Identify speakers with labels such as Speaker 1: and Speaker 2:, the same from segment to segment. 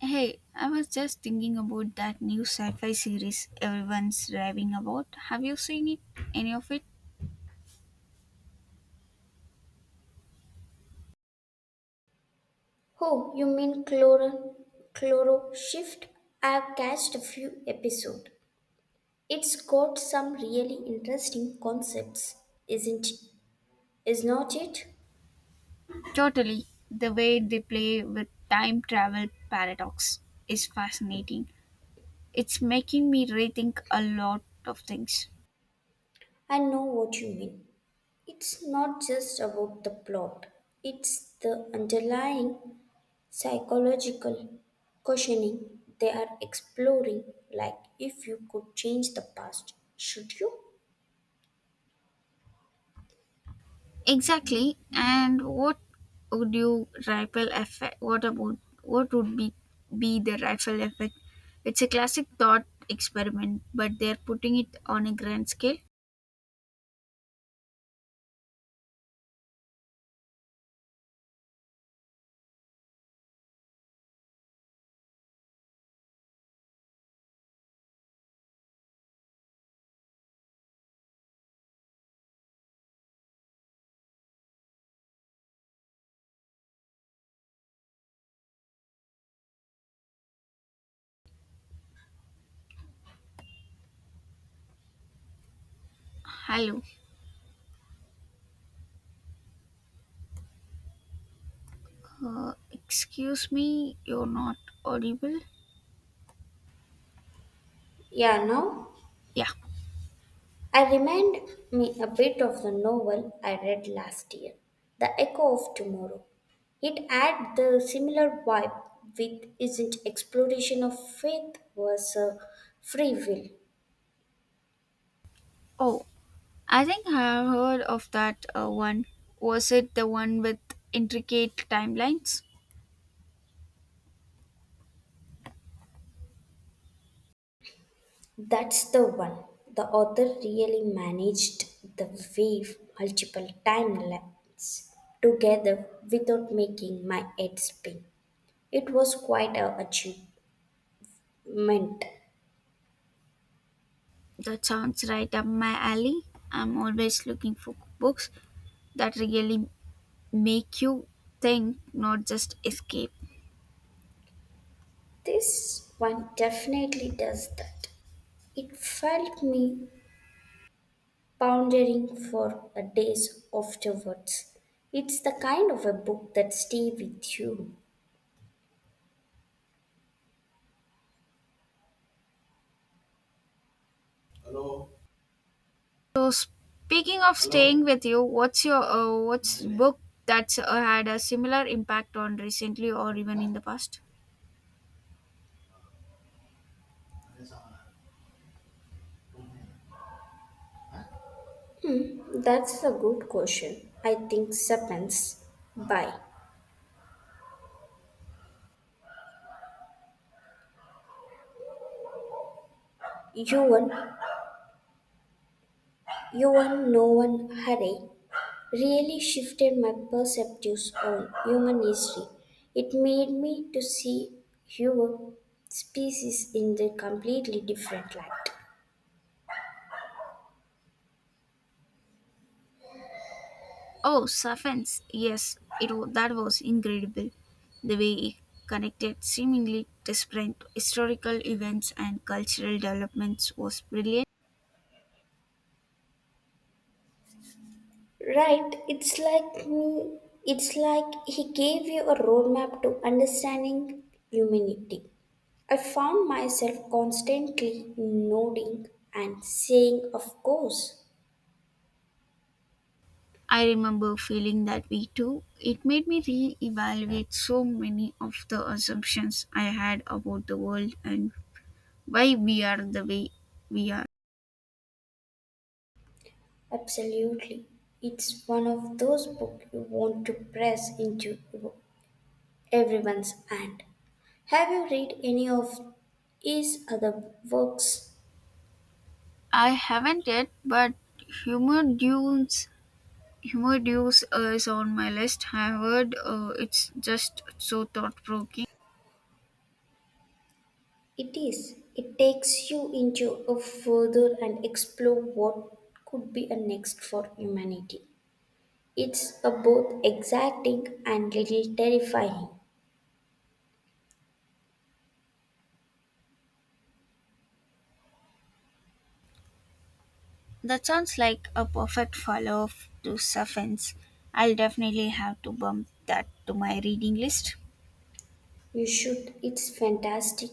Speaker 1: Hey, I was just thinking about that new sci-fi series everyone's raving about. Have you seen it? Any of it?
Speaker 2: Oh, you mean chloro shift? I've catched a few episodes. It's got some really interesting concepts, isn't is not it?
Speaker 1: Totally. The way they play with time travel paradox is fascinating. It's making me rethink a lot of things.
Speaker 2: I know what you mean. It's not just about the plot. It's the underlying psychological questioning they are exploring, like if you could change the past, should you?
Speaker 1: Exactly. And what would you ripple effect? What about what would be the ripple effect? It's a classic thought experiment, but they're putting it on a grand scale. Hello. Excuse me, you're not audible?
Speaker 2: Yeah, now.
Speaker 1: Yeah.
Speaker 2: I remind me a bit of the novel I read last year, The Echo of Tomorrow. It had the similar vibe with isn't exploration of faith versus free will.
Speaker 1: Oh, I think I have heard of that one. Was it the one with intricate timelines?
Speaker 2: That's the one. The author really managed the wave multiple time lapse together without making my head spin. It was quite a achievement.
Speaker 1: That sounds right up my alley. I'm always looking for books that really make you think, not just escape.
Speaker 2: This one definitely does that. It felt me pondering for a days afterwards. It's the kind of a book that stay with you.
Speaker 1: So, speaking of staying with you, what's book that's had a similar impact on recently or even in the past?
Speaker 2: That's a good question. I think Sapiens by Yuan Yuan No One Hurry really shifted my perspectives on human history. It made me to see human species in the completely different light.
Speaker 1: Oh, Safens, yes, that was incredible. The way it connected seemingly disparate historical events and cultural developments was brilliant.
Speaker 2: Right, it's like me, it's like he gave you a roadmap to understanding humanity. I found myself constantly nodding and saying, Of course,
Speaker 1: I remember feeling that way too. It made me re-evaluate so many of the assumptions I had about the world and why we are the way we are.
Speaker 2: absolutely. It's one of those books you want to press into everyone's hand. Have you read any of his other works?
Speaker 1: I haven't yet, but humor dunes humor dues is on my list. I heard it's just so thought provoking.
Speaker 2: It is. It takes you into a further and explore what could be a next for humanity. It's a both exciting and little terrifying.
Speaker 1: That sounds like a perfect follow up to Suffens. I'll definitely have to bump that to my reading list.
Speaker 2: You should. It's fantastic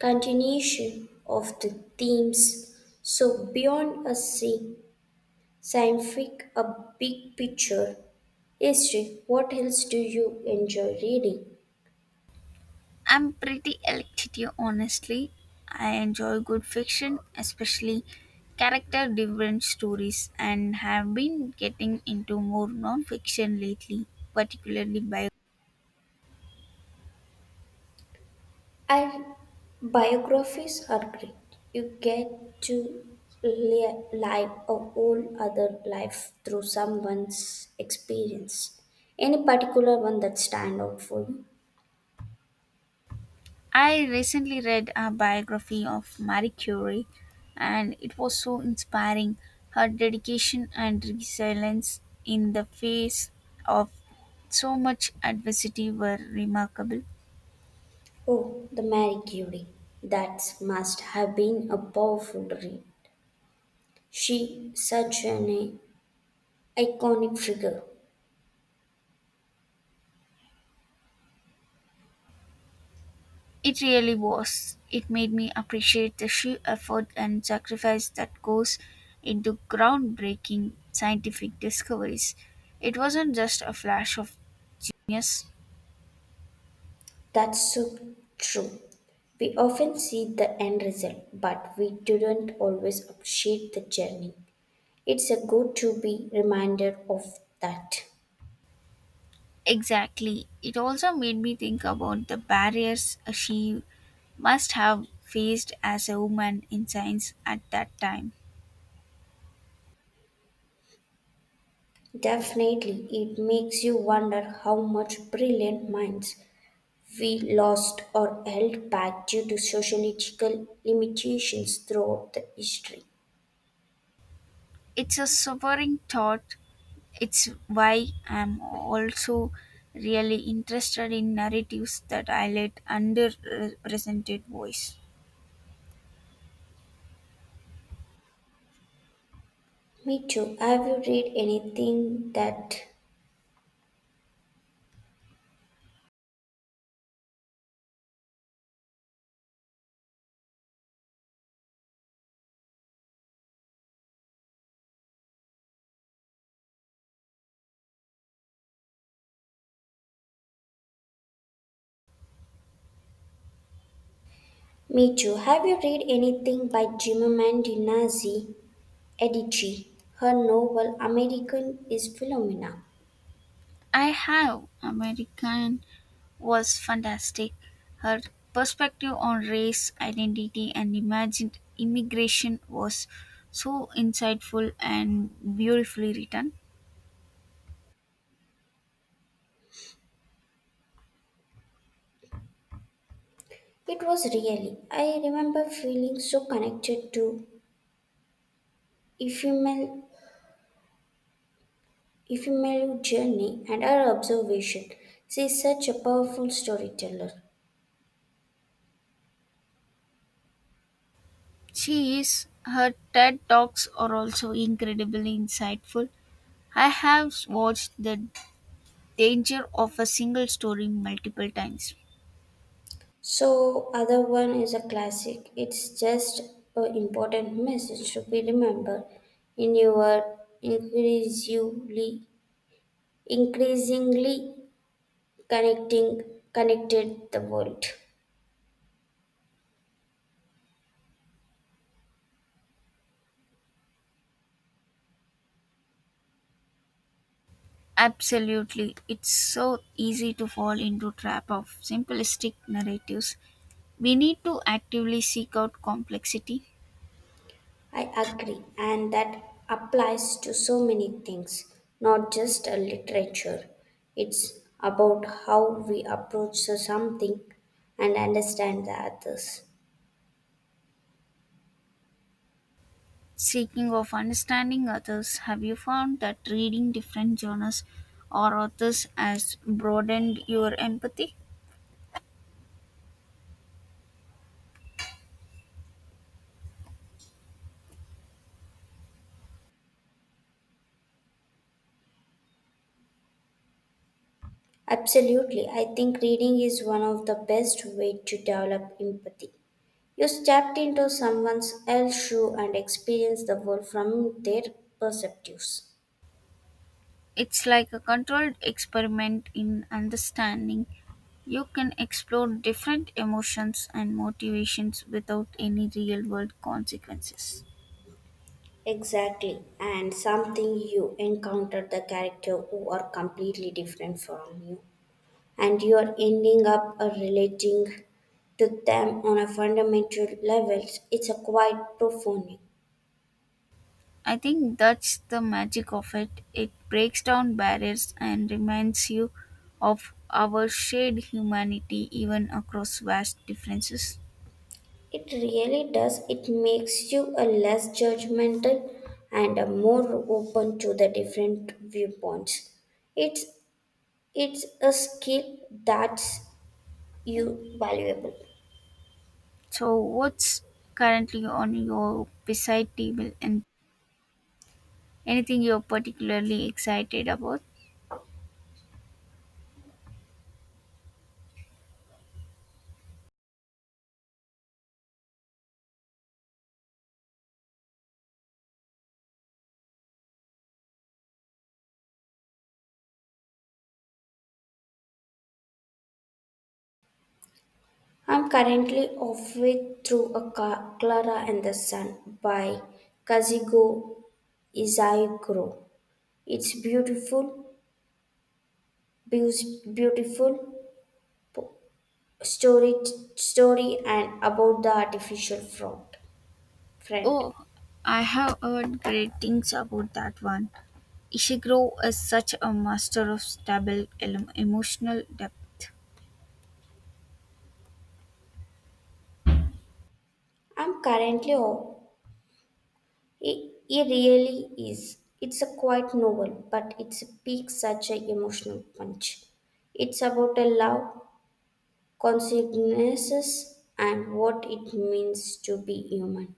Speaker 2: continuation of the themes. So beyond scientific, a big picture history. What else do you enjoy reading?
Speaker 1: I'm pretty elective, honestly. I enjoy good fiction, especially character driven stories, and have been getting into more non fiction lately, particularly biographies.
Speaker 2: And biographies are great. You get to live a whole other life through someone's experience. Any particular one that stand out for you?
Speaker 1: I recently read a biography of Marie Curie and it was so inspiring. Her dedication and resilience in the face of so much adversity were remarkable.
Speaker 2: Oh, the Marie Curie. That must have been a powerful read. She such an iconic figure.
Speaker 1: It really was. It made me appreciate the sheer effort and sacrifice that goes into groundbreaking scientific discoveries. It wasn't just a flash of genius.
Speaker 2: That's so true. We often see the end result, but we didn't always appreciate the journey. It's a good to be reminded of that.
Speaker 1: Exactly. It also made me think about the barriers she must have faced as a woman in science at that time.
Speaker 2: Definitely, it makes you wonder how much brilliant minds we lost or held back due to sociological limitations throughout the history.
Speaker 1: It's a sobering thought. It's why I'm also really interested in narratives that highlight underrepresented voice.
Speaker 2: Me too. Have you read anything that? Me too. Have you read anything by Chimamanda Nazi Adichie? Her novel American is Philomena.
Speaker 1: I have. American was fantastic. Her perspective on race, identity, and imagined immigration was so insightful and beautifully written.
Speaker 2: It was really. I remember feeling so connected to Ephemeral, ephemeral journey and our observation. She's such a powerful storyteller.
Speaker 1: She is. Her TED Talks are also incredibly insightful. I have watched The Danger of a Single Story multiple times.
Speaker 2: So other one is a classic. It's just an important message to be remembered in your increasingly connecting connected the world.
Speaker 1: Absolutely. It's so easy to fall into trap of simplistic narratives. We need to actively seek out complexity.
Speaker 2: I agree, and that applies to so many things, not just a literature. It's about how we approach so something and understand the others.
Speaker 1: Seeking of understanding others, have you found that reading different genres or authors has broadened your empathy?
Speaker 2: Absolutely, I think reading is one of the best way to develop empathy. You stepped into someone else's shoe and experience the world from their perspectives.
Speaker 1: It's like a controlled experiment in understanding. You can explore different emotions and motivations without any real world consequences.
Speaker 2: Exactly, and something you encounter the character who are completely different from you. And you're ending up relating to them on a fundamental level. It's a quite profound.
Speaker 1: I think that's the magic of it. It breaks down barriers and reminds you of our shared humanity even across vast differences.
Speaker 2: It really does. It makes you a less judgmental and a more open to the different viewpoints. It's a skill that's you valuable.
Speaker 1: So, what's currently on your beside table and anything you're particularly excited about?
Speaker 2: I'm currently off with through clara and the sun by kazuko isayaguro. It's beautiful. Beautiful po- story story and about the artificial fraud friend.
Speaker 1: Oh, I have heard great things about that one. Ishiguro is such a master of emotional depth.
Speaker 2: i'm currently oh, it, it really is. It's a quite novel but it's peak such a emotional punch. It's about a love consequences and what it means to be human.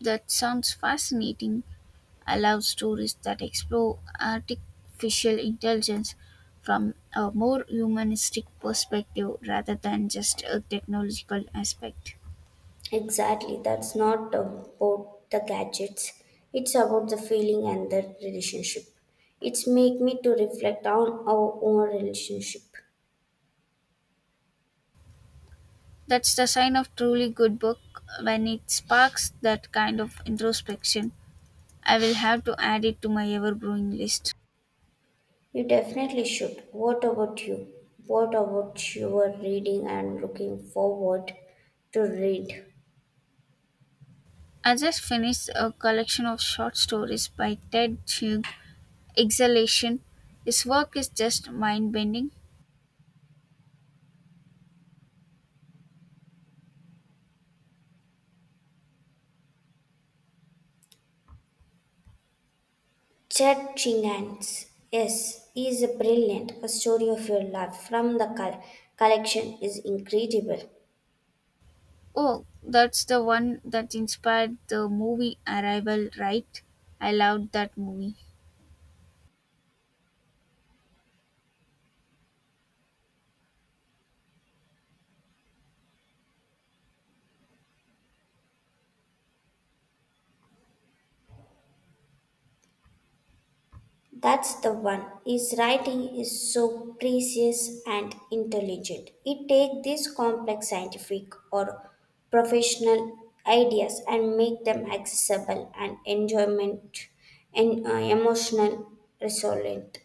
Speaker 1: That sounds fascinating. I love stories that explore artificial intelligence from a more humanistic perspective rather than just a technological aspect.
Speaker 2: Exactly, that's not about the gadgets. It's about the feeling and the relationship. It's make me to reflect on our own relationship.
Speaker 1: That's the sign of truly good book when it sparks that kind of introspection. I will have to add it to my ever growing list.
Speaker 2: You definitely should. What about you? What about your reading and looking forward to read?
Speaker 1: I just finished a collection of short stories by Ted Chiang, Exhalation. His work is just mind bending.
Speaker 2: Chet Chingans, yes, is a brilliant. A story of your life from the collection is incredible.
Speaker 1: Oh, that's the one that inspired the movie Arrival, right? I loved that movie.
Speaker 2: That's the one. His writing is so precious and intelligent. It takes these complex scientific or professional ideas and make them accessible and enjoyment and emotional resonant.